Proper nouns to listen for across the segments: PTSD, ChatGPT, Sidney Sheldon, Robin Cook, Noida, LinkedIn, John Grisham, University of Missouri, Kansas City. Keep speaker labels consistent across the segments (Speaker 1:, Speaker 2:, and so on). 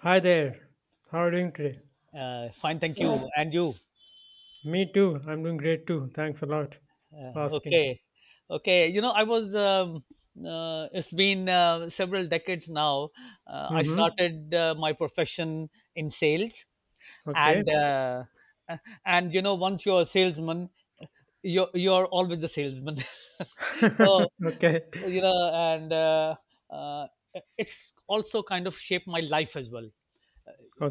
Speaker 1: Hi there. How are you doing today?
Speaker 2: Fine, thank you. And you?
Speaker 1: Me too. I'm doing great too. Thanks a lot for asking.
Speaker 2: Okay, okay. You know, I was. It's been several decades now. I
Speaker 1: Mm-hmm.
Speaker 2: started my profession in sales,
Speaker 1: Okay.
Speaker 2: and uh, uh, and once you're a salesman, you're always the salesman. so
Speaker 1: Okay.
Speaker 2: you know, and uh, it's also kind of shaped my life as well.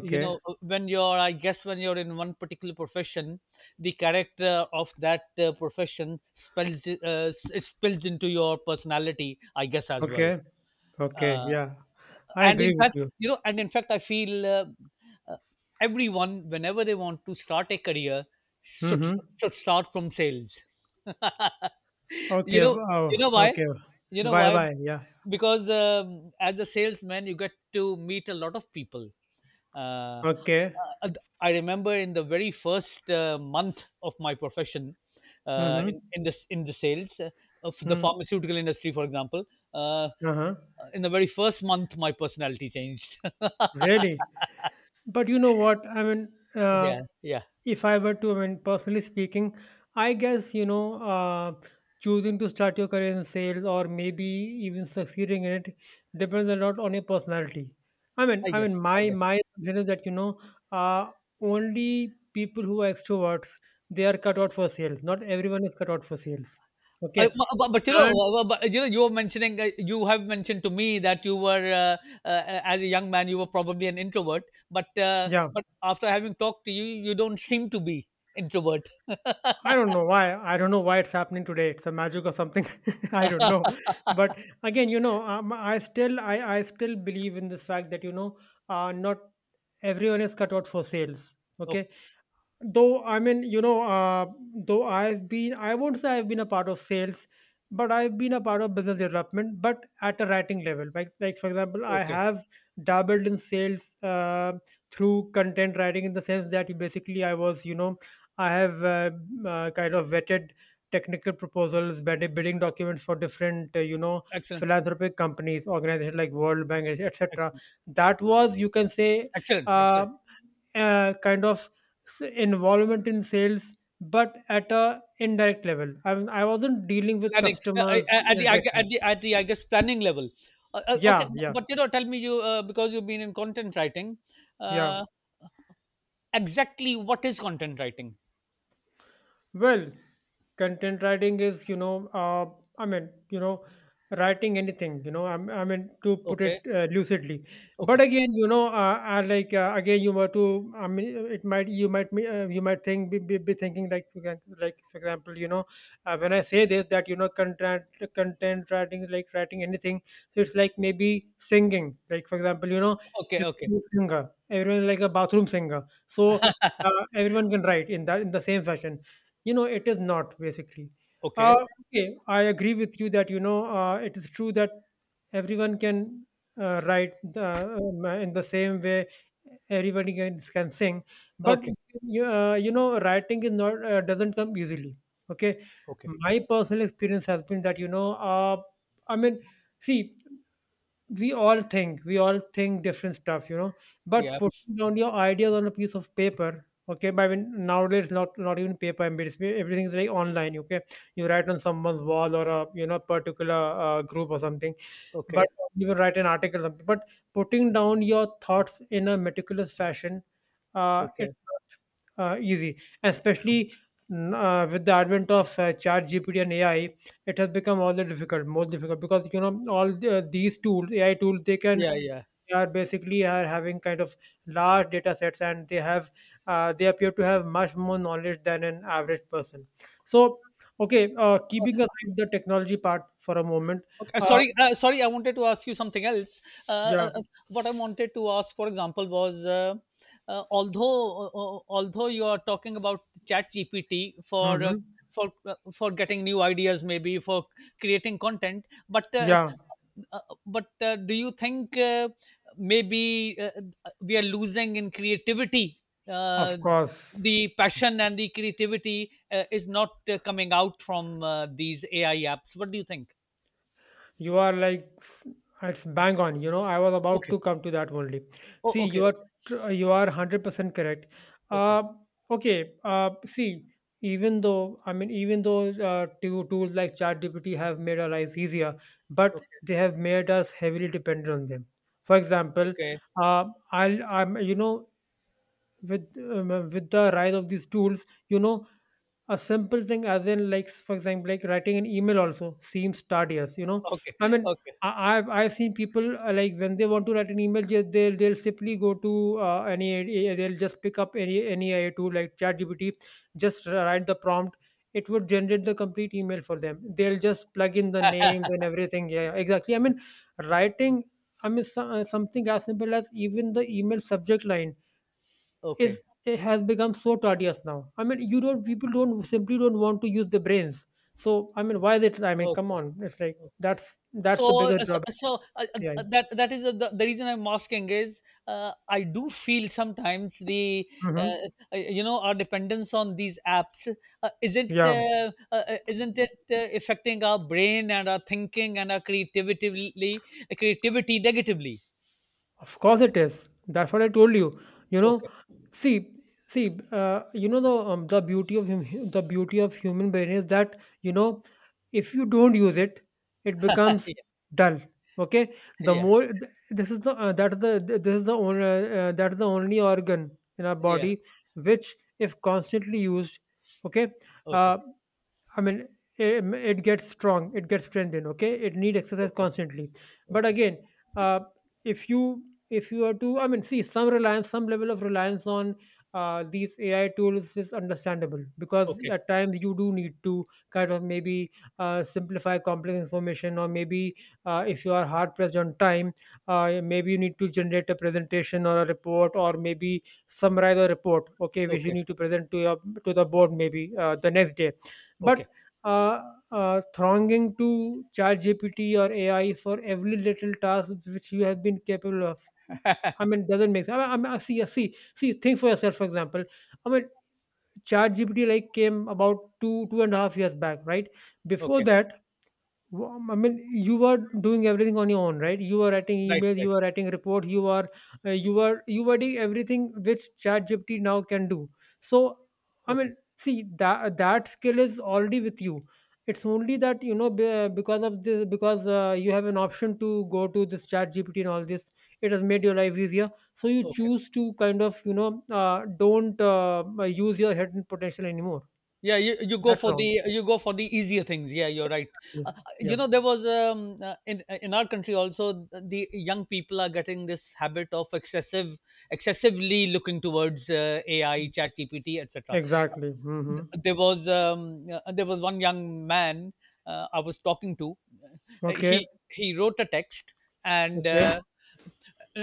Speaker 2: you know when you're, I guess when you're in one particular profession, the character of that profession spells it spills into your personality, I guess, as well.
Speaker 1: Okay. Okay.
Speaker 2: Uh,
Speaker 1: Yeah. I
Speaker 2: and in
Speaker 1: agree with
Speaker 2: fact,
Speaker 1: you.
Speaker 2: I feel uh, everyone, whenever they want to start a career, should
Speaker 1: Mm-hmm.
Speaker 2: should start from sales. you
Speaker 1: Okay.
Speaker 2: know you
Speaker 1: Oh,
Speaker 2: know why
Speaker 1: okay.
Speaker 2: you know
Speaker 1: Bye
Speaker 2: why
Speaker 1: bye. Yeah.
Speaker 2: Because as a salesman you get to meet a lot of people. uh,
Speaker 1: Okay.
Speaker 2: uh, I remember in the very first month of my profession, uh,
Speaker 1: Mm-hmm.
Speaker 2: in in this in the sales of the
Speaker 1: Mm.
Speaker 2: pharmaceutical industry, for example. uh,
Speaker 1: Uh-huh.
Speaker 2: in the very first month my personality changed.
Speaker 1: Really? But you know what?
Speaker 2: Yeah, yeah.
Speaker 1: If I were to, personally speaking, I guess, choosing to start your career in sales or maybe even succeeding in it depends a lot on your personality. I mean,
Speaker 2: i
Speaker 1: I mean,
Speaker 2: guess i
Speaker 1: my
Speaker 2: guess
Speaker 1: my assumption is that uh, only people who are extroverts they are cut out for sales. Not everyone is cut out for sales.
Speaker 2: I,
Speaker 1: Okay,
Speaker 2: bu- but, you know
Speaker 1: and
Speaker 2: you were mentioning you have mentioned to me that you were, uh, as a young man, you were probably an introvert, but
Speaker 1: yeah,
Speaker 2: after having talked to you don't seem to be introvert.
Speaker 1: I don't know why. I don't know why it's happening today. It's a magic or something. I don't know. But again, I still, I still believe in this fact that not everyone is cut out for sales.
Speaker 2: Okay,
Speaker 1: Okay, though though I won't say I've been a part of sales but I've been a part of business development but at a writing level like for example I
Speaker 2: okay.
Speaker 1: have dabbled in sales, through content writing, in the sense that basically I was I have, kind of vetted technical proposals, bidding documents for different,
Speaker 2: Excellent,
Speaker 1: philanthropic companies, organizations like world bank etc.
Speaker 2: excellent,
Speaker 1: That was, you can say,
Speaker 2: excellent,
Speaker 1: uh,
Speaker 2: excellent.
Speaker 1: kind of involvement in sales but at a indirect level, I wasn't dealing with
Speaker 2: planning uh, I-
Speaker 1: customers,
Speaker 2: I- at the, I gue-
Speaker 1: directly.
Speaker 2: at the at the I guess, planning level. Okay.
Speaker 1: yeah yeah
Speaker 2: But you know, tell me, you because you've been in content writing,
Speaker 1: yeah
Speaker 2: uh, exactly what is content writing?
Speaker 1: Well, content writing is, I mean, you know, writing anything, to put it
Speaker 2: Okay.
Speaker 1: lucidly. But
Speaker 2: Okay.
Speaker 1: again, again, you were to, it might, you might, you might think, be thinking like, you can, like for example, when I say this, that you know, content writing, like writing anything, so it's like maybe singing, like for example, you know,
Speaker 2: Okay. Okay.
Speaker 1: everyone is singer, everyone is like a bathroom singer, so everyone can write in that in the same fashion. You know, it is not basically.
Speaker 2: Okay.
Speaker 1: Okay, I agree with you that it is true that everyone can write the, in the same way. Everybody can sing, but
Speaker 2: Okay.
Speaker 1: you know, writing is not, doesn't come easily. Okay,
Speaker 2: Okay.
Speaker 1: my personal experience has been that I mean, see, we all think different stuff, you know, but
Speaker 2: Yeah.
Speaker 1: putting down your ideas on a piece of paper, okay, but I mean nowadays not, even paper. I mean, it's, everything is like online. Okay, you write on someone's wall or a, particular, group or something, but
Speaker 2: Okay.
Speaker 1: you will write an article or something. But putting down your thoughts in a meticulous fashion,
Speaker 2: Okay.
Speaker 1: it's easy, especially with the advent of, Chat GPT and AI. It has become all the difficult, more difficult, because you know all the, these tools, AI tools, they can,
Speaker 2: Yeah. Yeah.
Speaker 1: they are basically are having kind of large data sets, and they have they appear to have much more knowledge than an average person. So, okay,
Speaker 2: Uh,
Speaker 1: keeping aside the technology part for a moment,
Speaker 2: Okay.
Speaker 1: uh,
Speaker 2: Sorry. Sorry. I wanted to ask you something else. Uh,
Speaker 1: yeah,
Speaker 2: uh, uh, what I wanted to ask, for example, was, uh, although although you are talking about ChatGPT for,
Speaker 1: hmm,
Speaker 2: for getting new ideas, maybe for creating content. but uh,
Speaker 1: yeah,
Speaker 2: Uh, uh, but uh, do you think, maybe we are losing in creativity? Uh,
Speaker 1: of course.
Speaker 2: the passion and the creativity is not coming out from these AI apps. What do you think?
Speaker 1: You are like it's bang on. You know, I was about
Speaker 2: Okay.
Speaker 1: to come to that only.
Speaker 2: Oh,
Speaker 1: See,
Speaker 2: okay.
Speaker 1: you are, you are 100% correct.
Speaker 2: Okay.
Speaker 1: Uh, okay. See, even though two tools like ChatGPT have made our lives easier, but
Speaker 2: Okay.
Speaker 1: they have made us heavily dependent on them. For example,
Speaker 2: Okay.
Speaker 1: uh, I'll, I'm you know, with the rise of these tools, you know, a simple thing as in like, for example, like writing an email also seems tedious, you know,
Speaker 2: Okay.
Speaker 1: i mean
Speaker 2: Okay.
Speaker 1: I, I've seen people, like when they want to write an email, just they'll simply go to, any AI, they'll just pick up any AI tool like ChatGPT, just write the prompt, it would generate the complete email for them, they'll just plug in the names and everything. Yeah, exactly, I mean writing, I mean, so, something as simple as even the email subject line is,
Speaker 2: Okay.
Speaker 1: it has become so tedious now. I mean, you don't people don't simply don't want to use their brains. So I mean, why is it? Come
Speaker 2: Okay.
Speaker 1: on, it's like that's the
Speaker 2: So, uh,
Speaker 1: biggest
Speaker 2: so,
Speaker 1: drawback.
Speaker 2: so uh, uh,
Speaker 1: Yeah.
Speaker 2: uh, that is the reason I'm asking is, I do feel sometimes the, uh,
Speaker 1: Mm-hmm.
Speaker 2: our dependence on these apps,
Speaker 1: Yeah.
Speaker 2: isn't it affecting our brain and our thinking and our creativity negatively?
Speaker 1: Of course it is. That's what I told you. You know,
Speaker 2: Okay,
Speaker 1: see, see, you know the, the beauty of the beauty of human brain is that you know if you don't use it, it becomes
Speaker 2: yeah,
Speaker 1: dull. Okay, the
Speaker 2: yeah,
Speaker 1: more this is the, that is the th- this is the only, that is the only organ in our
Speaker 2: yeah.
Speaker 1: body which, if constantly used, okay,
Speaker 2: Okay,
Speaker 1: uh, I mean, it gets strong, it gets strengthened. Okay, it need exercise
Speaker 2: okay,
Speaker 1: constantly. But
Speaker 2: okay,
Speaker 1: again, uh, if you, are to, I mean, see some reliance, some level of reliance on, these AI tools, is understandable because
Speaker 2: okay,
Speaker 1: at times you do need to kind of maybe, simplify complex information, or maybe, if you are hard pressed on time, maybe you need to generate a presentation or a report, or maybe summarize a report. Okay, which you
Speaker 2: okay,
Speaker 1: need to present to your, to the board maybe, the next day. But
Speaker 2: okay,
Speaker 1: uh, thronging to ChatGPT or AI for every little task which you have been capable of, I mean, doesn't make sense. I mean, see. Think for yourself. For example, I mean, ChatGPT like came about two and a half years back, right? Before
Speaker 2: okay,
Speaker 1: that, I mean, you are doing everything on your own, right? You are writing
Speaker 2: right,
Speaker 1: emails,
Speaker 2: right,
Speaker 1: you are writing reports, you are doing everything which ChatGPT now can do. So, I
Speaker 2: okay,
Speaker 1: mean, see that skill is already with you. It's only that you know, be- because of this because you have an option to go to this ChatGPT and all this. It has made your life easier, so you
Speaker 2: okay.
Speaker 1: choose to kind of, you know don't use your hidden potential anymore.
Speaker 2: Yeah, you go
Speaker 1: That's
Speaker 2: for
Speaker 1: wrong.
Speaker 2: the you go for the easier things. Yeah, you're right.
Speaker 1: Yeah,
Speaker 2: uh,
Speaker 1: yeah,
Speaker 2: there was, in our country also, the young people are getting this habit of excessively looking towards AI ChatGPT, etc.
Speaker 1: exactly. Hmm.
Speaker 2: There was one young man I was talking to. Uh,
Speaker 1: Okay.
Speaker 2: he he wrote a text, and
Speaker 1: Okay.
Speaker 2: uh,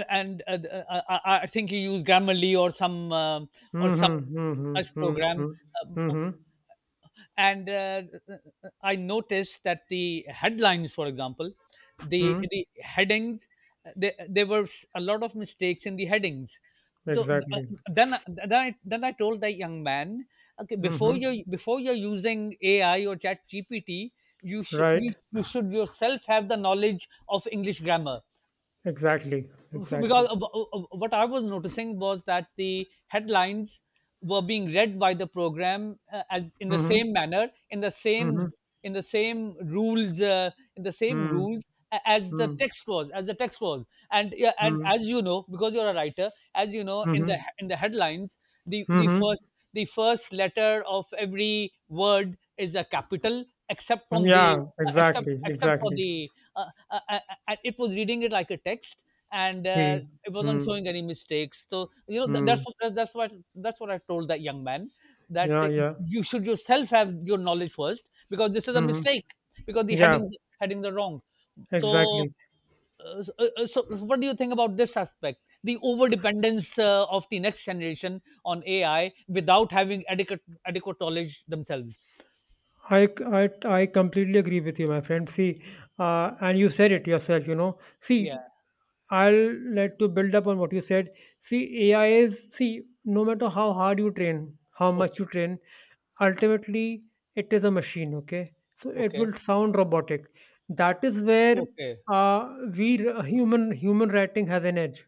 Speaker 2: and I think he used Grammarly or some
Speaker 1: Mhm, mhm,
Speaker 2: such
Speaker 1: mhm,
Speaker 2: program.
Speaker 1: mhm,
Speaker 2: Um,
Speaker 1: mhm,
Speaker 2: and I noticed that the headlines, for example, the
Speaker 1: mhm.
Speaker 2: headings, there were a lot of mistakes in the headings. So uh,
Speaker 1: Exactly.
Speaker 2: then I told the young man, okay, before
Speaker 1: Mhm.
Speaker 2: you, before you're using AI or ChatGPT, you should, you,
Speaker 1: Right.
Speaker 2: you should yourself have the knowledge of English grammar.
Speaker 1: Exactly.
Speaker 2: because
Speaker 1: Exactly.
Speaker 2: of- of- what I was noticing was that the headlines were being read by the program as in the
Speaker 1: Mhm,
Speaker 2: same manner, in the same,
Speaker 1: mhm,
Speaker 2: rules, in the same
Speaker 1: mm,
Speaker 2: rules a- as the
Speaker 1: mm,
Speaker 2: text was, and yeah, and
Speaker 1: mm,
Speaker 2: as you know, because you're a writer, as you know, in the,
Speaker 1: mhm,
Speaker 2: headlines, the
Speaker 1: mhm.
Speaker 2: first letter of every word is a capital, except from the
Speaker 1: Yeah.
Speaker 2: except
Speaker 1: Exactly.
Speaker 2: except for
Speaker 1: Exactly.
Speaker 2: the uh, uh, uh, it was reading it like a text, and
Speaker 1: See.
Speaker 2: uh, it wasn't
Speaker 1: Mm.
Speaker 2: showing any mistakes. So th- that's
Speaker 1: Hmm.
Speaker 2: what- that's what that's what I told that young man, that,
Speaker 1: Yeah. Yeah.
Speaker 2: you should yourself have your knowledge first, because this is a
Speaker 1: Mhm.
Speaker 2: mistake, because the
Speaker 1: Yeah.
Speaker 2: headings are wrong. So
Speaker 1: Exactly.
Speaker 2: so, so what do you think about this aspect? The over dependence of the next generation on AI without having adequate knowledge themselves.
Speaker 1: I completely agree with you, my friend. See, and you said it yourself, you know. See,
Speaker 2: Yeah.
Speaker 1: I'll like to build up on what you said. See, AI is, see, no matter how hard you train, how much
Speaker 2: Okay.
Speaker 1: you train, ultimately it is a machine, okay? So it
Speaker 2: Okay.
Speaker 1: will sound robotic. That is where,
Speaker 2: Okay.
Speaker 1: uh, human writing has an edge,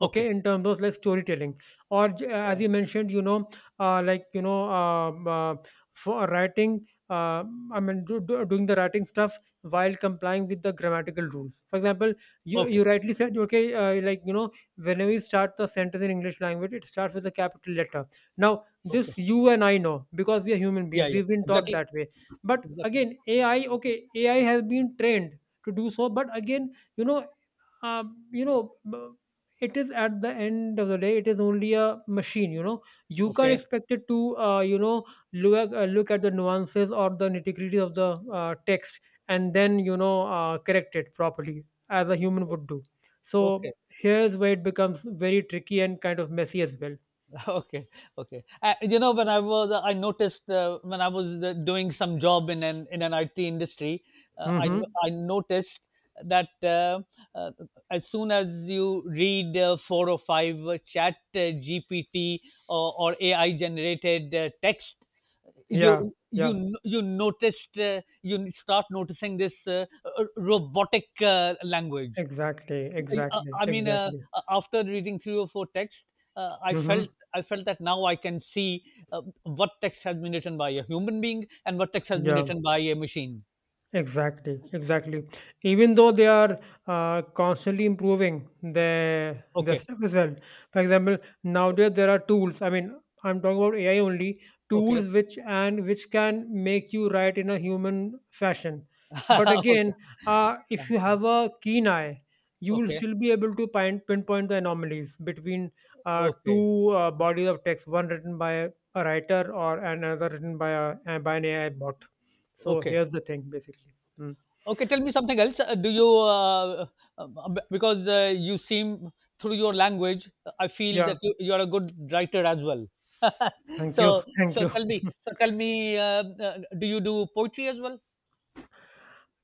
Speaker 1: okay,
Speaker 2: Okay.
Speaker 1: in terms of like storytelling, or as
Speaker 2: Okay.
Speaker 1: you mentioned, you know, uh, like you know um, uh, for writing, doing the writing stuff while complying with the grammatical rules, for example. You,
Speaker 2: Okay.
Speaker 1: rightly said, okay, you know, whenever you start the sentence in english language, it starts with a capital letter. Now
Speaker 2: Okay.
Speaker 1: this you and I know because we are human beings,
Speaker 2: Yeah. Yeah.
Speaker 1: we've been taught
Speaker 2: Exactly.
Speaker 1: that way, but
Speaker 2: Exactly.
Speaker 1: again AI, okay, AI has been trained to do so, but again, you know you know, it is at the end of the day, it is only a machine. You know, you can't
Speaker 2: Okay.
Speaker 1: expect it to, you know, look at the nuances or the nitty gritty of the, text, and then you know, correct it properly as a human would do. So
Speaker 2: Okay.
Speaker 1: here's where it becomes very tricky and kind of messy as well.
Speaker 2: Okay, okay. You know, when I was, I noticed when I was doing some job in an IT industry, uh, I
Speaker 1: Mm-hmm.
Speaker 2: I noticed that, uh, as soon as you read four or five Chat GPT or AI generated text,
Speaker 1: Yeah.
Speaker 2: you
Speaker 1: Yeah.
Speaker 2: n- you noticed you start noticing this robotic language. I I mean,
Speaker 1: Exactly.
Speaker 2: after reading three or four texts, uh, I felt
Speaker 1: Mm-hmm.
Speaker 2: I felt that now I can see what text has been written by a human being and what text has been
Speaker 1: Yeah.
Speaker 2: written by a machine.
Speaker 1: Exactly, exactly. Even though they are, constantly improving their
Speaker 2: Okay,
Speaker 1: stuff as well. For example, nowadays there are tools. I mean, I'm talking about AI only,
Speaker 2: okay,
Speaker 1: tools which and which can make you write in a human fashion. But again,
Speaker 2: okay,
Speaker 1: if you
Speaker 2: okay,
Speaker 1: have a keen eye, you will still be able to pinpoint the anomalies between,
Speaker 2: okay,
Speaker 1: two, bodies of text, one written by a writer or another written by a by an AI bot. So
Speaker 2: okay.
Speaker 1: here's the thing, basically. Mm.
Speaker 2: Okay, tell me something else. Do you, because you seem, through your language, I feel
Speaker 1: Yeah,
Speaker 2: that you are a good writer as well.
Speaker 1: thank you,
Speaker 2: So,
Speaker 1: thank you.
Speaker 2: so tell me, do you do poetry as well?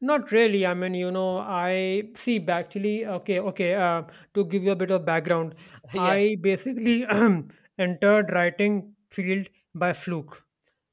Speaker 1: Not really. I mean, you know, I see. But Actually, okay. To give you a bit of background,
Speaker 2: Yeah.
Speaker 1: I basically entered writing field by fluke.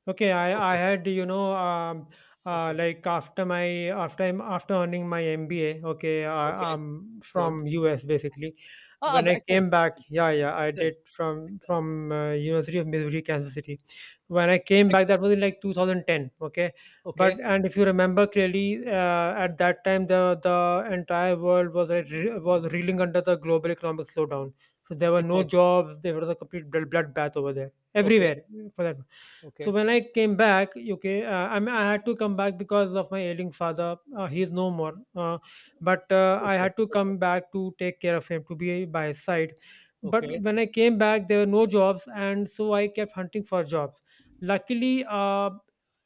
Speaker 1: Okay, I
Speaker 2: Okay.
Speaker 1: had,
Speaker 2: Okay.
Speaker 1: after my, after earning my MBA, okay,
Speaker 2: Okay,
Speaker 1: I'm
Speaker 2: good.
Speaker 1: from US basically.
Speaker 2: Ah,
Speaker 1: When
Speaker 2: b
Speaker 1: I
Speaker 2: excellent,
Speaker 1: came back, yeah, yeah, I
Speaker 2: excellent,
Speaker 1: did from
Speaker 2: excellent,
Speaker 1: from University of Missouri, Kansas City. When I came back, that
Speaker 2: excellent.
Speaker 1: was in like 2010, okay. But
Speaker 2: Okay,
Speaker 1: and if you remember clearly, at that time the entire world was like, was reeling under the global economic slowdown. So there were
Speaker 2: it
Speaker 1: no
Speaker 2: was
Speaker 1: jobs. There was a complete bloodbath over there,
Speaker 2: okay,
Speaker 1: everywhere for that. So
Speaker 2: okay,
Speaker 1: when I came back, okay, I mean, I had to come back because of my ailing father. He is no more, but I
Speaker 2: okay,
Speaker 1: had to
Speaker 2: okay,
Speaker 1: come back to take care of him, to be by his side. But
Speaker 2: okay.
Speaker 1: when I came back, there were no jobs, and so I kept hunting for jobs. Luckily,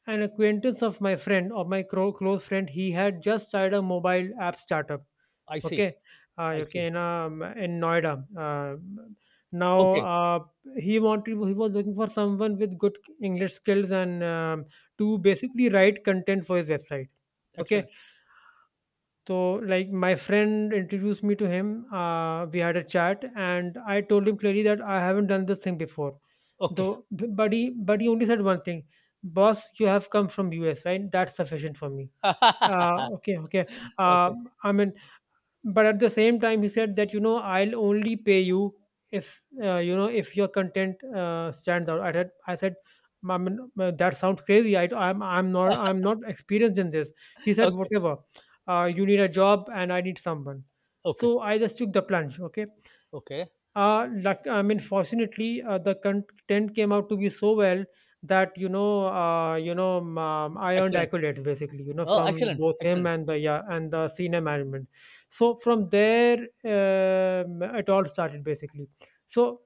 Speaker 1: an acquaintance of my friend, of my close friend, he had just started a mobile app startup.
Speaker 2: I see,
Speaker 1: Okay,
Speaker 2: I see.
Speaker 1: in Noida. Now
Speaker 2: Okay,
Speaker 1: he wanted he was looking for someone with good English skills and to basically write content for his website. Okay,
Speaker 2: excellent.
Speaker 1: so like my friend introduced me to him. We had a chat, and I told him clearly that I haven't done this thing before.
Speaker 2: Okay.
Speaker 1: Though, but he only said one thing, boss, you have come from US, right? That's sufficient for me. Okay, okay. Uh,
Speaker 2: Okay,
Speaker 1: I mean, but at the same time he said that you know I'll only pay you if you know if your content stands out. I said, "I mean, that sounds crazy. I'm not experienced in this." He said,
Speaker 2: okay,
Speaker 1: whatever, you need a job and I need someone.
Speaker 2: okay,
Speaker 1: So I just took the plunge. Okay,
Speaker 2: okay.
Speaker 1: I mean, fortunately, the content came out to be so well that I earned
Speaker 2: Excellent.
Speaker 1: accolades basically, you know,
Speaker 2: Oh,
Speaker 1: from
Speaker 2: excellent,
Speaker 1: both him
Speaker 2: excellent,
Speaker 1: and and the senior management. So from there, it all started basically. So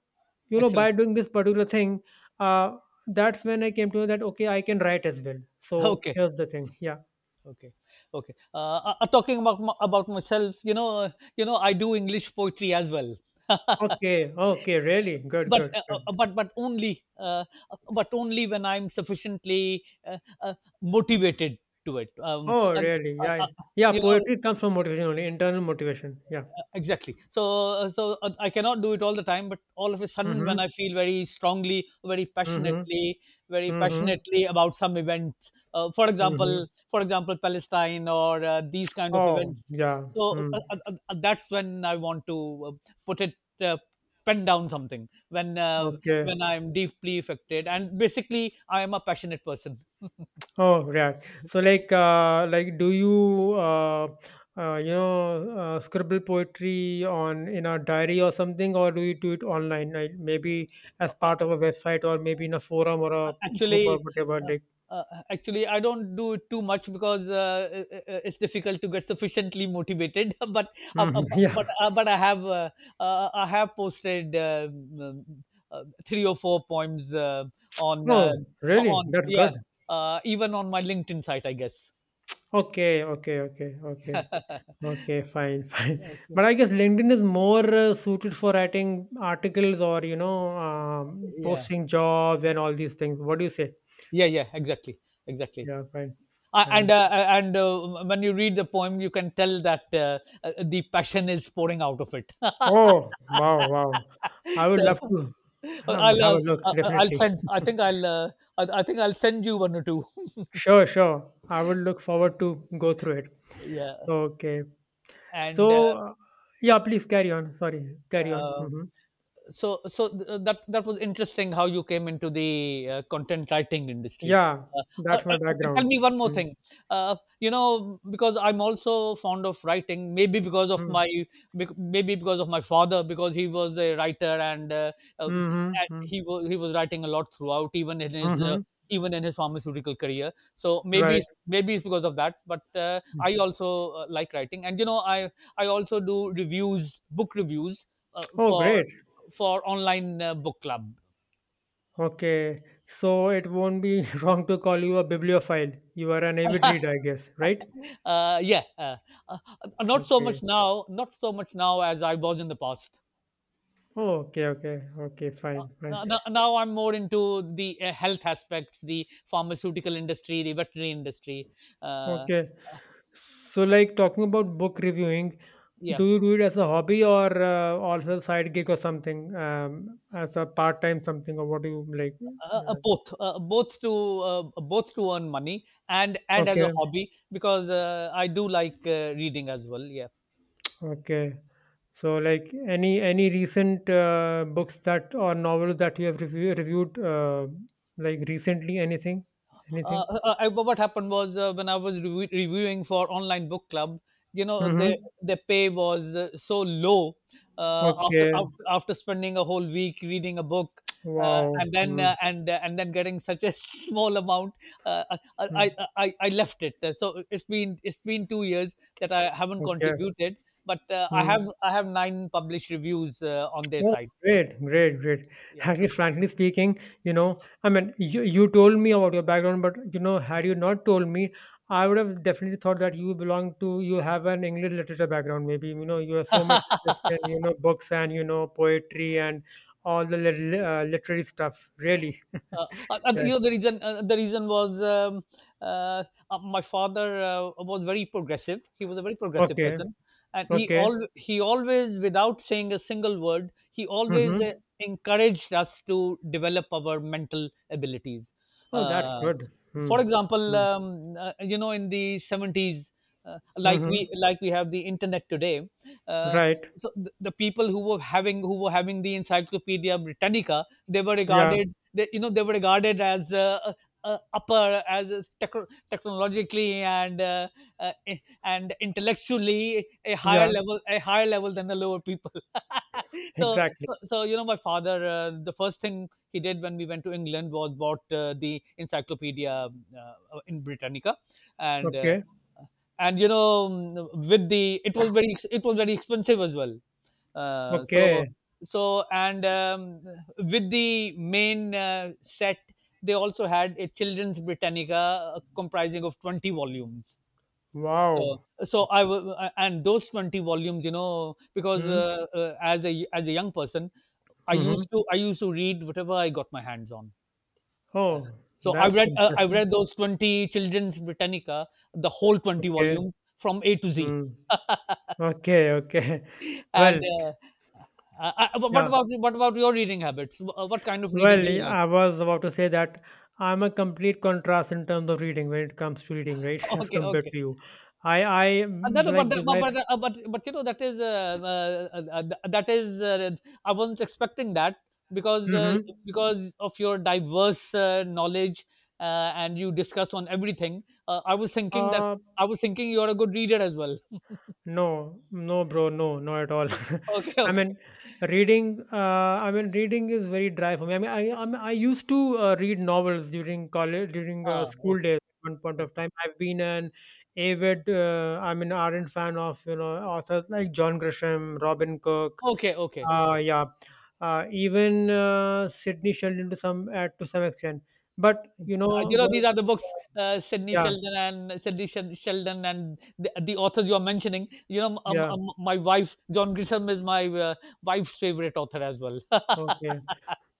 Speaker 1: you know,
Speaker 2: excellent.
Speaker 1: by doing this particular thing, uh, that's when I came to know that okay, I can write as well. So
Speaker 2: Okay.
Speaker 1: here's the thing, yeah.
Speaker 2: Okay, okay. Talking about about myself, you know, I do English poetry as well.
Speaker 1: Okay, okay, really good,
Speaker 2: but
Speaker 1: good,
Speaker 2: uh,
Speaker 1: good.
Speaker 2: but only when I'm sufficiently motivated to it.
Speaker 1: Oh, really?
Speaker 2: Uh,
Speaker 1: Yeah,
Speaker 2: uh,
Speaker 1: yeah.
Speaker 2: you know,
Speaker 1: Poetry comes from motivation only, internal motivation. Yeah.
Speaker 2: exactly. So, I cannot do it all the time, but all of a sudden when
Speaker 1: Mhm,
Speaker 2: I feel very strongly,
Speaker 1: mhm,
Speaker 2: very
Speaker 1: mhm,
Speaker 2: passionately about some events,
Speaker 1: mhm.
Speaker 2: for example, Palestine, or these kind of
Speaker 1: Oh,
Speaker 2: events.
Speaker 1: yeah.
Speaker 2: so
Speaker 1: Hmm.
Speaker 2: uh, uh, uh, uh, that's when I want to, uh, put it uh, pen down something,
Speaker 1: Okay.
Speaker 2: when I'm deeply affected, and basically I am a passionate person.
Speaker 1: Oh, right. So, like, do you, you know, scribble poetry on in a diary or something, or do you do it online? Like, maybe as part of a website, or maybe in a forum or
Speaker 2: Uh,
Speaker 1: a group or
Speaker 2: actually,
Speaker 1: whatever. Like,
Speaker 2: uh, uh, Actually, I don't do it too much because it's difficult to get sufficiently motivated. Uh, uh,
Speaker 1: mhm,
Speaker 2: but
Speaker 1: yeah.
Speaker 2: uh, but I have, I have posted, um, three or four poems, on uh,
Speaker 1: Oh, really?
Speaker 2: on
Speaker 1: That's
Speaker 2: yeah
Speaker 1: good.
Speaker 2: uh, even on my LinkedIn site, I guess.
Speaker 1: Okay, okay, okay, okay. Okay, fine, fine. But I
Speaker 2: Okay.
Speaker 1: guess LinkedIn is more suited for writing articles or, you know,
Speaker 2: Yeah,
Speaker 1: posting jobs and all these things. What do you say?
Speaker 2: yeah, yeah, exactly, exactly.
Speaker 1: Yeah, fine,
Speaker 2: Uh, and
Speaker 1: fine.
Speaker 2: uh, and uh, when you read the poem, you can tell that, the passion is pouring out of it.
Speaker 1: Oh, wow, wow. I would love
Speaker 2: so
Speaker 1: to
Speaker 2: uh, I'll,
Speaker 1: have a look,
Speaker 2: I'll
Speaker 1: definitely.
Speaker 2: send. I think I'll, I think I'll send you one or two.
Speaker 1: Sure, sure. I will look forward to go through it.
Speaker 2: Yeah,
Speaker 1: Okay.
Speaker 2: and
Speaker 1: So, yeah, please carry on. Sorry, carry on.
Speaker 2: uh,
Speaker 1: Hmm.
Speaker 2: that was interesting how you came into the content writing industry.
Speaker 1: Yeah,
Speaker 2: uh,
Speaker 1: that's my
Speaker 2: okay, tell
Speaker 1: background.
Speaker 2: me one more
Speaker 1: Mm-hmm.
Speaker 2: thing. You know, because I'm also fond of writing, maybe because of
Speaker 1: Mm-hmm.
Speaker 2: my, maybe because of my father, because he was a writer, and
Speaker 1: Mm-hmm.
Speaker 2: he was writing a lot throughout, even in his
Speaker 1: Mm-hmm.
Speaker 2: pharmaceutical career. So maybe,
Speaker 1: Right.
Speaker 2: maybe it's because of that, but I also like writing. And you know, I also do reviews, book reviews,
Speaker 1: Oh,
Speaker 2: for,
Speaker 1: great.
Speaker 2: online book club.
Speaker 1: Okay, so it won't be wrong to call you a bibliophile. You are an avid
Speaker 2: uh,
Speaker 1: reader, I guess, right?
Speaker 2: yeah, uh, not so
Speaker 1: Okay.
Speaker 2: much now. Not so much now as I was in the past.
Speaker 1: Oh, okay, okay, okay, fine, fine.
Speaker 2: Now I'm more into the health aspects, the pharmaceutical industry, the veterinary industry. Uh,
Speaker 1: Okay, so like talking about book reviewing,
Speaker 2: yeah,
Speaker 1: do you do it as a hobby or also side gig or something, as a part-time something, or what do you like? uh,
Speaker 2: both, both to earn money, and as a
Speaker 1: okay,
Speaker 2: hobby, because I do like reading as well. Yeah.
Speaker 1: okay. So like any recent books that or novels that you have reviewed, like recently, anything, anything?
Speaker 2: uh, what happened was, when I was, reviewing for online book club, you know, their
Speaker 1: Mm-hmm.
Speaker 2: their pay was so low, after,
Speaker 1: Okay.
Speaker 2: spending a whole week reading a book. Uh,
Speaker 1: Wow.
Speaker 2: and then
Speaker 1: Mm-hmm.
Speaker 2: uh, and uh, and then getting such a small amount, uh, I, I I left it. So it's been 2 years that I haven't
Speaker 1: Okay.
Speaker 2: contributed, but I
Speaker 1: Mm.
Speaker 2: have I have nine published reviews on their
Speaker 1: Oh,
Speaker 2: site.
Speaker 1: great, great, great.
Speaker 2: Yeah.
Speaker 1: Actually, frankly speaking, you know, I mean, you told me about your background, but you know, had you not told me, I would have definitely thought that you belong to, you have an English literature background, maybe. You know, you are so much interested in, you know, books and, you know, poetry and all the literary stuff, really. Yeah.
Speaker 2: You know the reason. The reason was, uh, my father was very progressive. He was a very progressive
Speaker 1: Okay.
Speaker 2: person, and
Speaker 1: Okay.
Speaker 2: he always, without saying a single word, he
Speaker 1: Mm-hmm.
Speaker 2: always encouraged us to develop our mental abilities.
Speaker 1: Oh, that's
Speaker 2: Uh,
Speaker 1: good.
Speaker 2: for example
Speaker 1: Mm-hmm.
Speaker 2: you know, in the 70s, like we
Speaker 1: Mm-hmm.
Speaker 2: like we have the internet today. uh,
Speaker 1: Right.
Speaker 2: so the people who were having the encyclopedia britannica, they were
Speaker 1: Yeah,
Speaker 2: regarded, they, you know, they were regarded as upper as a technologically and and intellectually a higher
Speaker 1: yeah,
Speaker 2: level, than the lower people. so
Speaker 1: exactly.
Speaker 2: so, you know, my father, the first thing he did when we went to England was bought the Encyclopedia in Britannica, and uh,
Speaker 1: Okay,
Speaker 2: and you know, with the, it was very, it was very expensive as well. Uh, so
Speaker 1: okay.
Speaker 2: so and with the main set, they also had a children's Britannica comprising of 20 volumes. So,
Speaker 1: Wow.
Speaker 2: and those 20 volumes, you know, because
Speaker 1: Hmm.
Speaker 2: as a young person,
Speaker 1: Mm-hmm.
Speaker 2: I used to read whatever I got my hands on. Uh,
Speaker 1: Oh,
Speaker 2: I've
Speaker 1: that's
Speaker 2: read
Speaker 1: interesting.
Speaker 2: those 20 children's Britannica, the whole 20
Speaker 1: Okay.
Speaker 2: volumes from A to Z.
Speaker 1: Mm. Okay, okay. Well,
Speaker 2: and What
Speaker 1: yeah.
Speaker 2: about your reading habits? What kind of reading
Speaker 1: Well,
Speaker 2: do you
Speaker 1: yeah,
Speaker 2: like?
Speaker 1: I was about to say that I'm a complete contrast in terms of reading when it comes to reading, right? As
Speaker 2: Okay,
Speaker 1: compared
Speaker 2: okay.
Speaker 1: to you, I like
Speaker 2: That-
Speaker 1: besides.
Speaker 2: but you know, that is I wasn't expecting that, because uh,
Speaker 1: Mm-hmm.
Speaker 2: because of your diverse knowledge, and you discuss on everything.
Speaker 1: Uh,
Speaker 2: I was thinking you are a good reader as well.
Speaker 1: no, no, bro, no, not at all.
Speaker 2: Okay,
Speaker 1: I
Speaker 2: okay.
Speaker 1: mean, reading. I mean, reading is very dry for me. I mean, mean, I used to read novels during college, during
Speaker 2: Ah,
Speaker 1: school
Speaker 2: okay,
Speaker 1: days. At one point of
Speaker 2: okay.
Speaker 1: time, I've been an avid, I mean, ardent fan of you know authors like John Grisham, Robin Cook.
Speaker 2: Okay, okay.
Speaker 1: Yeah, even Sidney Sheldon to some extent. But you know,
Speaker 2: You know,
Speaker 1: once,
Speaker 2: these are the books, Sidney
Speaker 1: yeah,
Speaker 2: Sheldon and Sheldon and the authors you are mentioning. You know,
Speaker 1: yeah,
Speaker 2: my wife, John Grisham, is my wife's favorite author as well.
Speaker 1: okay.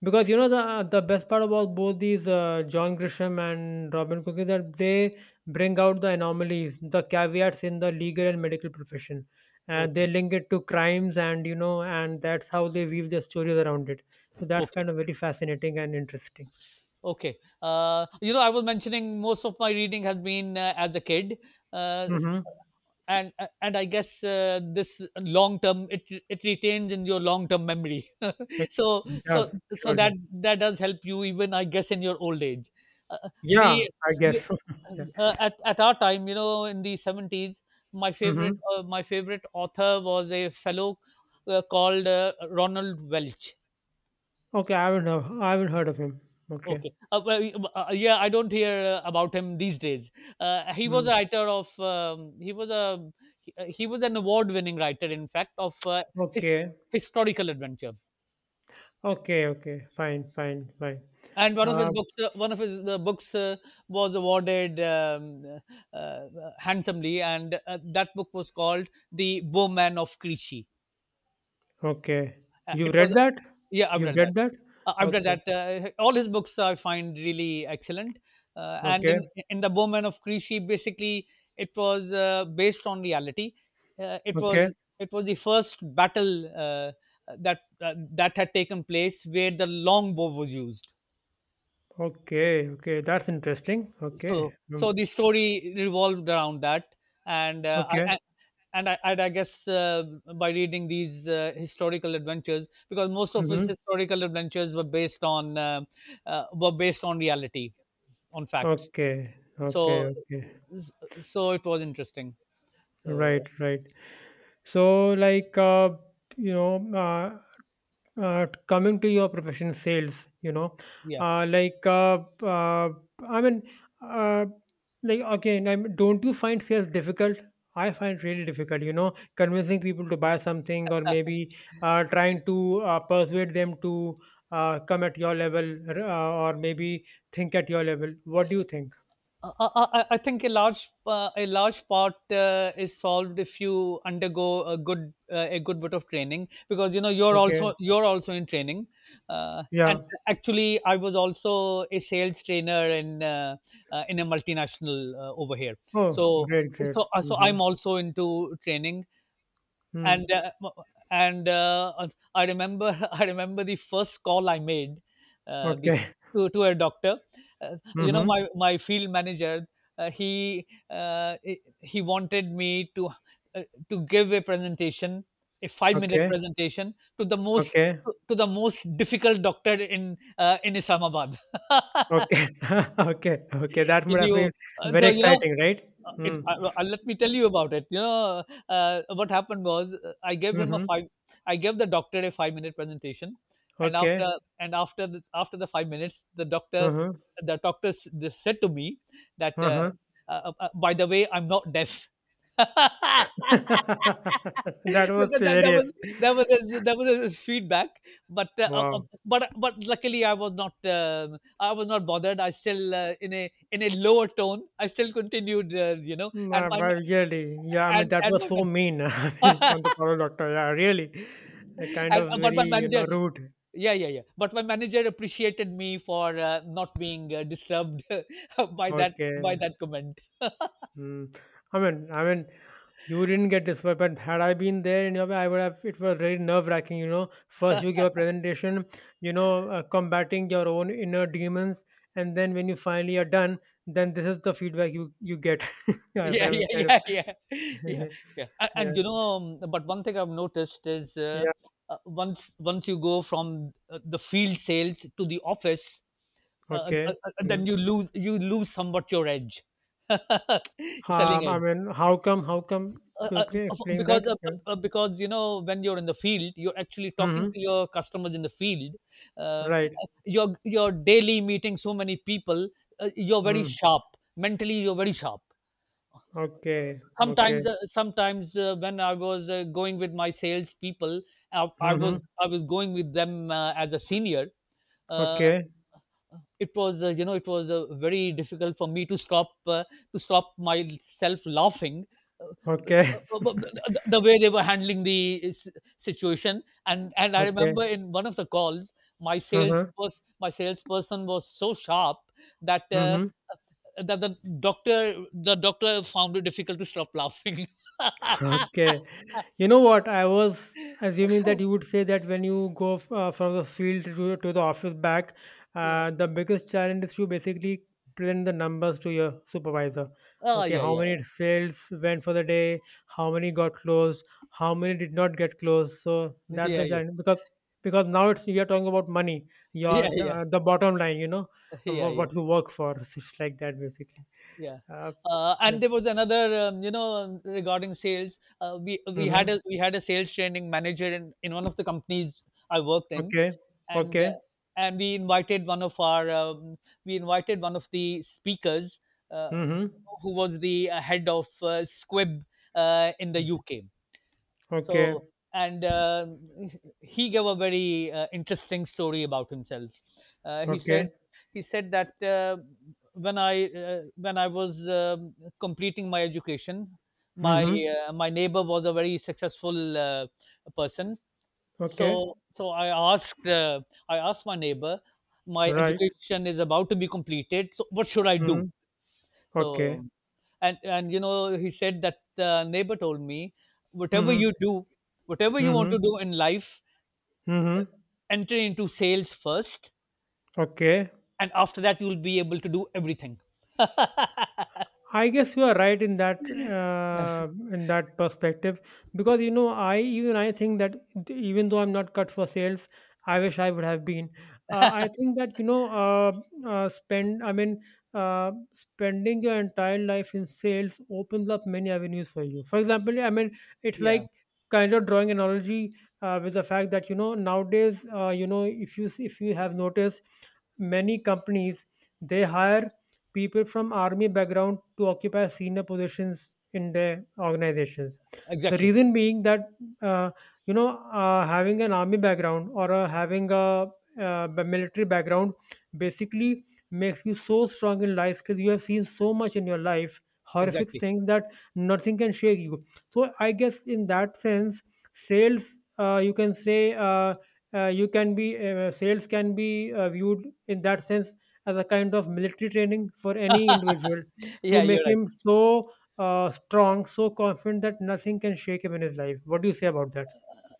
Speaker 1: Because you know the best part about both these John Grisham and Robin Cook is that they bring out the anomalies, the caveats in the legal and medical profession. And they
Speaker 2: Okay,
Speaker 1: link it to crimes, and you know, and that's how they weave their stories around it. So that's
Speaker 2: okay.
Speaker 1: kind of very fascinating and interesting.
Speaker 2: Okay. You know, I was mentioning most of my reading has been as a kid, uh,
Speaker 1: Mm-hmm.
Speaker 2: and I guess this long term, it retains in your long term memory.
Speaker 1: It
Speaker 2: so so
Speaker 1: does surely.
Speaker 2: that does help you even, I guess, in your old age. Uh,
Speaker 1: Yeah,
Speaker 2: the
Speaker 1: I
Speaker 2: the-
Speaker 1: guess. yeah.
Speaker 2: at our time, you know, in the 70s,
Speaker 1: Mm-hmm.
Speaker 2: my favorite author was a fellow called Ronald Welch.
Speaker 1: Okay, I haven't heard of him. Okay.
Speaker 2: Okay. Well, yeah, I don't hear about him these days. He was
Speaker 1: Mm.
Speaker 2: a writer of. He was a. He was an award-winning writer, in fact, of his
Speaker 1: Okay.
Speaker 2: historical adventure.
Speaker 1: Okay. Okay. Fine. Fine. Fine.
Speaker 2: And one of his
Speaker 1: Uh,
Speaker 2: books, was awarded handsomely, and that book was called "The Bowman of Crecy."
Speaker 1: Okay. You
Speaker 2: It
Speaker 1: read
Speaker 2: was
Speaker 1: that?
Speaker 2: Yeah, I've
Speaker 1: You've
Speaker 2: read that.
Speaker 1: read that?
Speaker 2: I've read
Speaker 1: Okay.
Speaker 2: that. All his books I find really excellent. And
Speaker 1: Okay.
Speaker 2: In the Bowman of Crecy, basically it was based on reality. Uh, it was
Speaker 1: Okay.
Speaker 2: it was the first battle that had taken place where the longbow was used.
Speaker 1: Okay. Okay. That's interesting. Okay. Mm.
Speaker 2: The story revolved around that, and uh, I,
Speaker 1: Okay.
Speaker 2: I- and I, and I guess by reading these historical adventures, because most of his
Speaker 1: Mm-hmm.
Speaker 2: historical adventures were based on reality, on facts.
Speaker 1: Okay. Okay.
Speaker 2: So
Speaker 1: Okay.
Speaker 2: it was interesting. So
Speaker 1: Right. Right. So, like, you know, uh, coming to your profession, sales, you know,
Speaker 2: yeah.
Speaker 1: uh, like, uh, uh, I mean, uh, like, again, don't you find sales difficult? I find really difficult, you know, convincing people to buy something or maybe trying to persuade them to come at your level or maybe think at your level. What do you think?
Speaker 2: I think a large part is solved if you undergo a good, a good bit of training, because you know,
Speaker 1: Okay.
Speaker 2: you're also in training,
Speaker 1: Yeah.
Speaker 2: and actually I was also a sales trainer in a multinational over here.
Speaker 1: Oh,
Speaker 2: so
Speaker 1: great, great.
Speaker 2: so
Speaker 1: Mm-hmm.
Speaker 2: I'm also into training, and
Speaker 1: Mm.
Speaker 2: and uh, I remember, I remember the first call I made uh, the,
Speaker 1: Okay.
Speaker 2: to a doctor. You know,
Speaker 1: Mm-hmm.
Speaker 2: my field manager, he wanted me uh, to give a presentation, a 5 minute
Speaker 1: Okay.
Speaker 2: presentation to the most,
Speaker 1: Okay.
Speaker 2: to the most difficult doctor in Islamabad.
Speaker 1: Okay. Okay, okay. That would
Speaker 2: Can
Speaker 1: have been
Speaker 2: you?
Speaker 1: very
Speaker 2: So you know,
Speaker 1: exciting, right? Hmm.
Speaker 2: it
Speaker 1: Mm.
Speaker 2: let me tell you about it. You know, what happened was,
Speaker 1: Mhm.
Speaker 2: I gave the doctor a 5-minute presentation, and
Speaker 1: Okay.
Speaker 2: after, after the 5 minutes, the doctor,
Speaker 1: Uh-huh.
Speaker 2: they said to me that,
Speaker 1: Uh-huh.
Speaker 2: by the way, I'm not deaf. that,
Speaker 1: That was
Speaker 2: that
Speaker 1: hilarious.
Speaker 2: was, that was a feedback, but
Speaker 1: Wow.
Speaker 2: but luckily I was not, I was not bothered. I still, in a, in a lower tone, I still continued, you know,
Speaker 1: Nah, but really, yeah, I mean, that
Speaker 2: and
Speaker 1: was
Speaker 2: my
Speaker 1: so mean
Speaker 2: man-
Speaker 1: on the Power Doctor. Yeah, really. A kind
Speaker 2: and
Speaker 1: of
Speaker 2: But
Speaker 1: very,
Speaker 2: my
Speaker 1: you know,
Speaker 2: manager,
Speaker 1: rude.
Speaker 2: yeah, yeah, yeah. But my manager appreciated me for not being disturbed by
Speaker 1: Okay.
Speaker 2: that comment.
Speaker 1: Hmm. I mean, you didn't get disappointed. Had I been there in your way, I would have. It was very nerve wracking. You know, first you give a presentation, you know, combating your own inner demons, and then when you finally are done, then this is the feedback you get. Yes,
Speaker 2: Yeah,
Speaker 1: I'm
Speaker 2: yeah,
Speaker 1: kind of.
Speaker 2: yeah, yeah, yeah, yeah. And, and
Speaker 1: yeah.
Speaker 2: you know, but one thing I've noticed is,
Speaker 1: Yeah.
Speaker 2: once, once you go from the field sales to the office,
Speaker 1: Okay.
Speaker 2: then
Speaker 1: Mm.
Speaker 2: you lose somewhat your edge, selling
Speaker 1: I
Speaker 2: edge.
Speaker 1: mean, how come? How come?
Speaker 2: uh,
Speaker 1: Could you
Speaker 2: uh,
Speaker 1: please explain
Speaker 2: because,
Speaker 1: that?
Speaker 2: uh,
Speaker 1: Yeah.
Speaker 2: uh, uh, because you know, when you're in the field, you're actually talking
Speaker 1: Mm-hmm.
Speaker 2: to your customers in the field, uh,
Speaker 1: Right.
Speaker 2: you're daily meeting so many people, you're very
Speaker 1: Mm.
Speaker 2: sharp, mentally you're very sharp.
Speaker 1: Okay. Okay.
Speaker 2: Sometimes when I was going with my sales people,
Speaker 1: Mm-hmm.
Speaker 2: I was going with them as a senior, uh,
Speaker 1: Okay.
Speaker 2: it was, you know, it was very difficult for me to stop, to stop myself laughing,
Speaker 1: Okay.
Speaker 2: the way they were handling the situation. And I
Speaker 1: Okay.
Speaker 2: remember, in one of the calls,
Speaker 1: Uh-huh.
Speaker 2: my salesperson was so sharp that
Speaker 1: Mm-hmm.
Speaker 2: the doctor, the doctor found it difficult to stop laughing.
Speaker 1: Okay. You know what? I was assuming that you would say that when you go from the field to the office back,
Speaker 2: Yeah.
Speaker 1: the biggest challenge is to basically present the numbers to your supervisor.
Speaker 2: oh
Speaker 1: Okay,
Speaker 2: yeah
Speaker 1: how
Speaker 2: yeah
Speaker 1: many sales went for the day? How many got closed? How many did not get closed? So
Speaker 2: yeah
Speaker 1: that's
Speaker 2: yeah
Speaker 1: the
Speaker 2: yeah
Speaker 1: challenge because now it's we are talking about money,
Speaker 2: yeah
Speaker 1: the bottom line. You know
Speaker 2: yeah
Speaker 1: what
Speaker 2: yeah
Speaker 1: you work for. So it's like that basically.
Speaker 2: Yeah.
Speaker 1: Uh, yeah.
Speaker 2: And there was another, you know, regarding sales.
Speaker 1: Mm-hmm.
Speaker 2: We had a sales training manager in one of the companies I worked in,
Speaker 1: Okay.
Speaker 2: and
Speaker 1: Okay.
Speaker 2: we invited one of our we invited one of the speakers, uh,
Speaker 1: Mm-hmm.
Speaker 2: who was the head of Squib in the UK.
Speaker 1: Okay.
Speaker 2: So and He gave a very interesting story about himself. uh, he said
Speaker 1: Okay.
Speaker 2: he said that, when I was, completing my education, my
Speaker 1: Mhm.
Speaker 2: my neighbor was a very successful person. so
Speaker 1: Okay.
Speaker 2: so i asked uh, I asked my neighbor, my
Speaker 1: Right.
Speaker 2: education is about to be completed, so what should I do?
Speaker 1: Mhm. Okay.
Speaker 2: So and you know, he said that the neighbor told me, whatever
Speaker 1: Mhm.
Speaker 2: you do, whatever you want
Speaker 1: Mhm.
Speaker 2: to do in life,
Speaker 1: Mhm.
Speaker 2: enter into sales first,
Speaker 1: Okay.
Speaker 2: and after that you'll be able to do everything.
Speaker 1: I guess you are right in that perspective because you know I even I think that even though I'm not cut for sales, I wish I would have been. I think that you know spend I mean spending your entire life in sales opens up many avenues for you. For example, I mean it's
Speaker 2: Yeah,
Speaker 1: like kind of drawing analogy with the fact that you know nowadays you know if you have noticed many companies they hire people from army background to occupy senior positions in their organizations, the
Speaker 2: exactly,
Speaker 1: reason being that uh, you know having an army background or having a military background basically makes you so strong in life because you have seen so much in your life horrific
Speaker 2: exactly.
Speaker 1: things that nothing can shake you. So I guess in that sense sales you can say you can be sales can be viewed in that sense as a kind of military training for any individual to
Speaker 2: Yeah, you're
Speaker 1: make
Speaker 2: right.
Speaker 1: him so strong, so confident that nothing can shake him in his life. What do you say about that?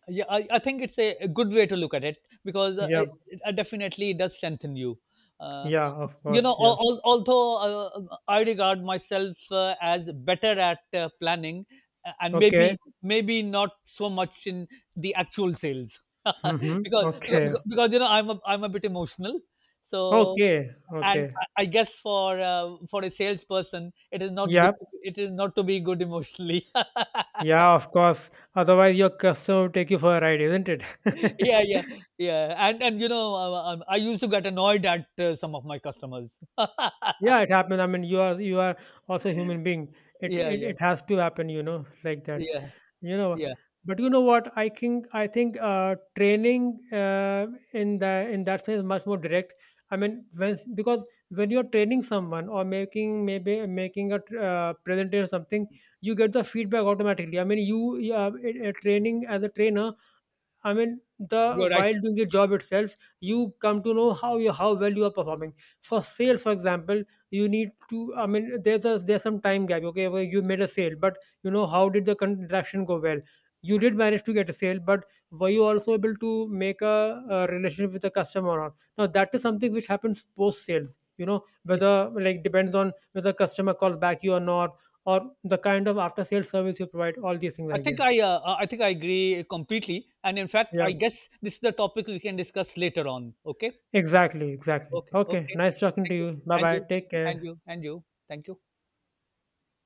Speaker 2: Yeah, I think it's a good way to look at it, because
Speaker 1: Yeah,
Speaker 2: it definitely does strengthen you. uh,
Speaker 1: yeah, of
Speaker 2: you
Speaker 1: course,
Speaker 2: know,
Speaker 1: yeah.
Speaker 2: although I regard myself as better at planning, and
Speaker 1: Okay.
Speaker 2: maybe, maybe not so much in the actual sales.
Speaker 1: Mm-hmm. Okay.
Speaker 2: Because, you know, I'm a, I'm a bit emotional, so,
Speaker 1: Okay.
Speaker 2: and
Speaker 1: Okay.
Speaker 2: I guess for a salesperson, it is not good,
Speaker 1: Yep.
Speaker 2: it is not to be good emotionally.
Speaker 1: Yeah, of course. Otherwise, your customer will take you for a ride, isn't it?
Speaker 2: Yeah, yeah, yeah. And you know, I used to get annoyed at some of my customers.
Speaker 1: Yeah, it happens. I mean, you are also a human being.
Speaker 2: Yeah, yeah,
Speaker 1: It has to happen, you know, like that.
Speaker 2: yeah,
Speaker 1: You know,
Speaker 2: yeah,
Speaker 1: but you know what I think, I think training in the in that sense is much more direct. I mean when because when you're training someone or making maybe making a presentation or something you get the feedback automatically. I mean you a training as a trainer, I mean, the
Speaker 2: you're right.
Speaker 1: while doing your job itself, you come to know how well you are performing. For sales, for example, you need to. I mean, there's a there's some time gap. Okay, where you made a sale, but you know how did the transaction go well? You did manage to get a sale, but were you also able to make a relationship with the customer or not? Now that is something which happens post sales. You know
Speaker 2: Yeah.
Speaker 1: whether like depends on whether customer calls back you or not, or the kind of after sales service you provide. All these things, I guess.
Speaker 2: I think I agree completely, and in fact
Speaker 1: Yeah.
Speaker 2: I guess this is the topic we can discuss later on. Okay,
Speaker 1: Exactly, exactly.
Speaker 2: okay,
Speaker 1: Okay,
Speaker 2: okay,
Speaker 1: nice talking to
Speaker 2: thank you,
Speaker 1: you. Bye
Speaker 2: and
Speaker 1: bye.
Speaker 2: you
Speaker 1: Take
Speaker 2: and
Speaker 1: care.
Speaker 2: you and you, thank you.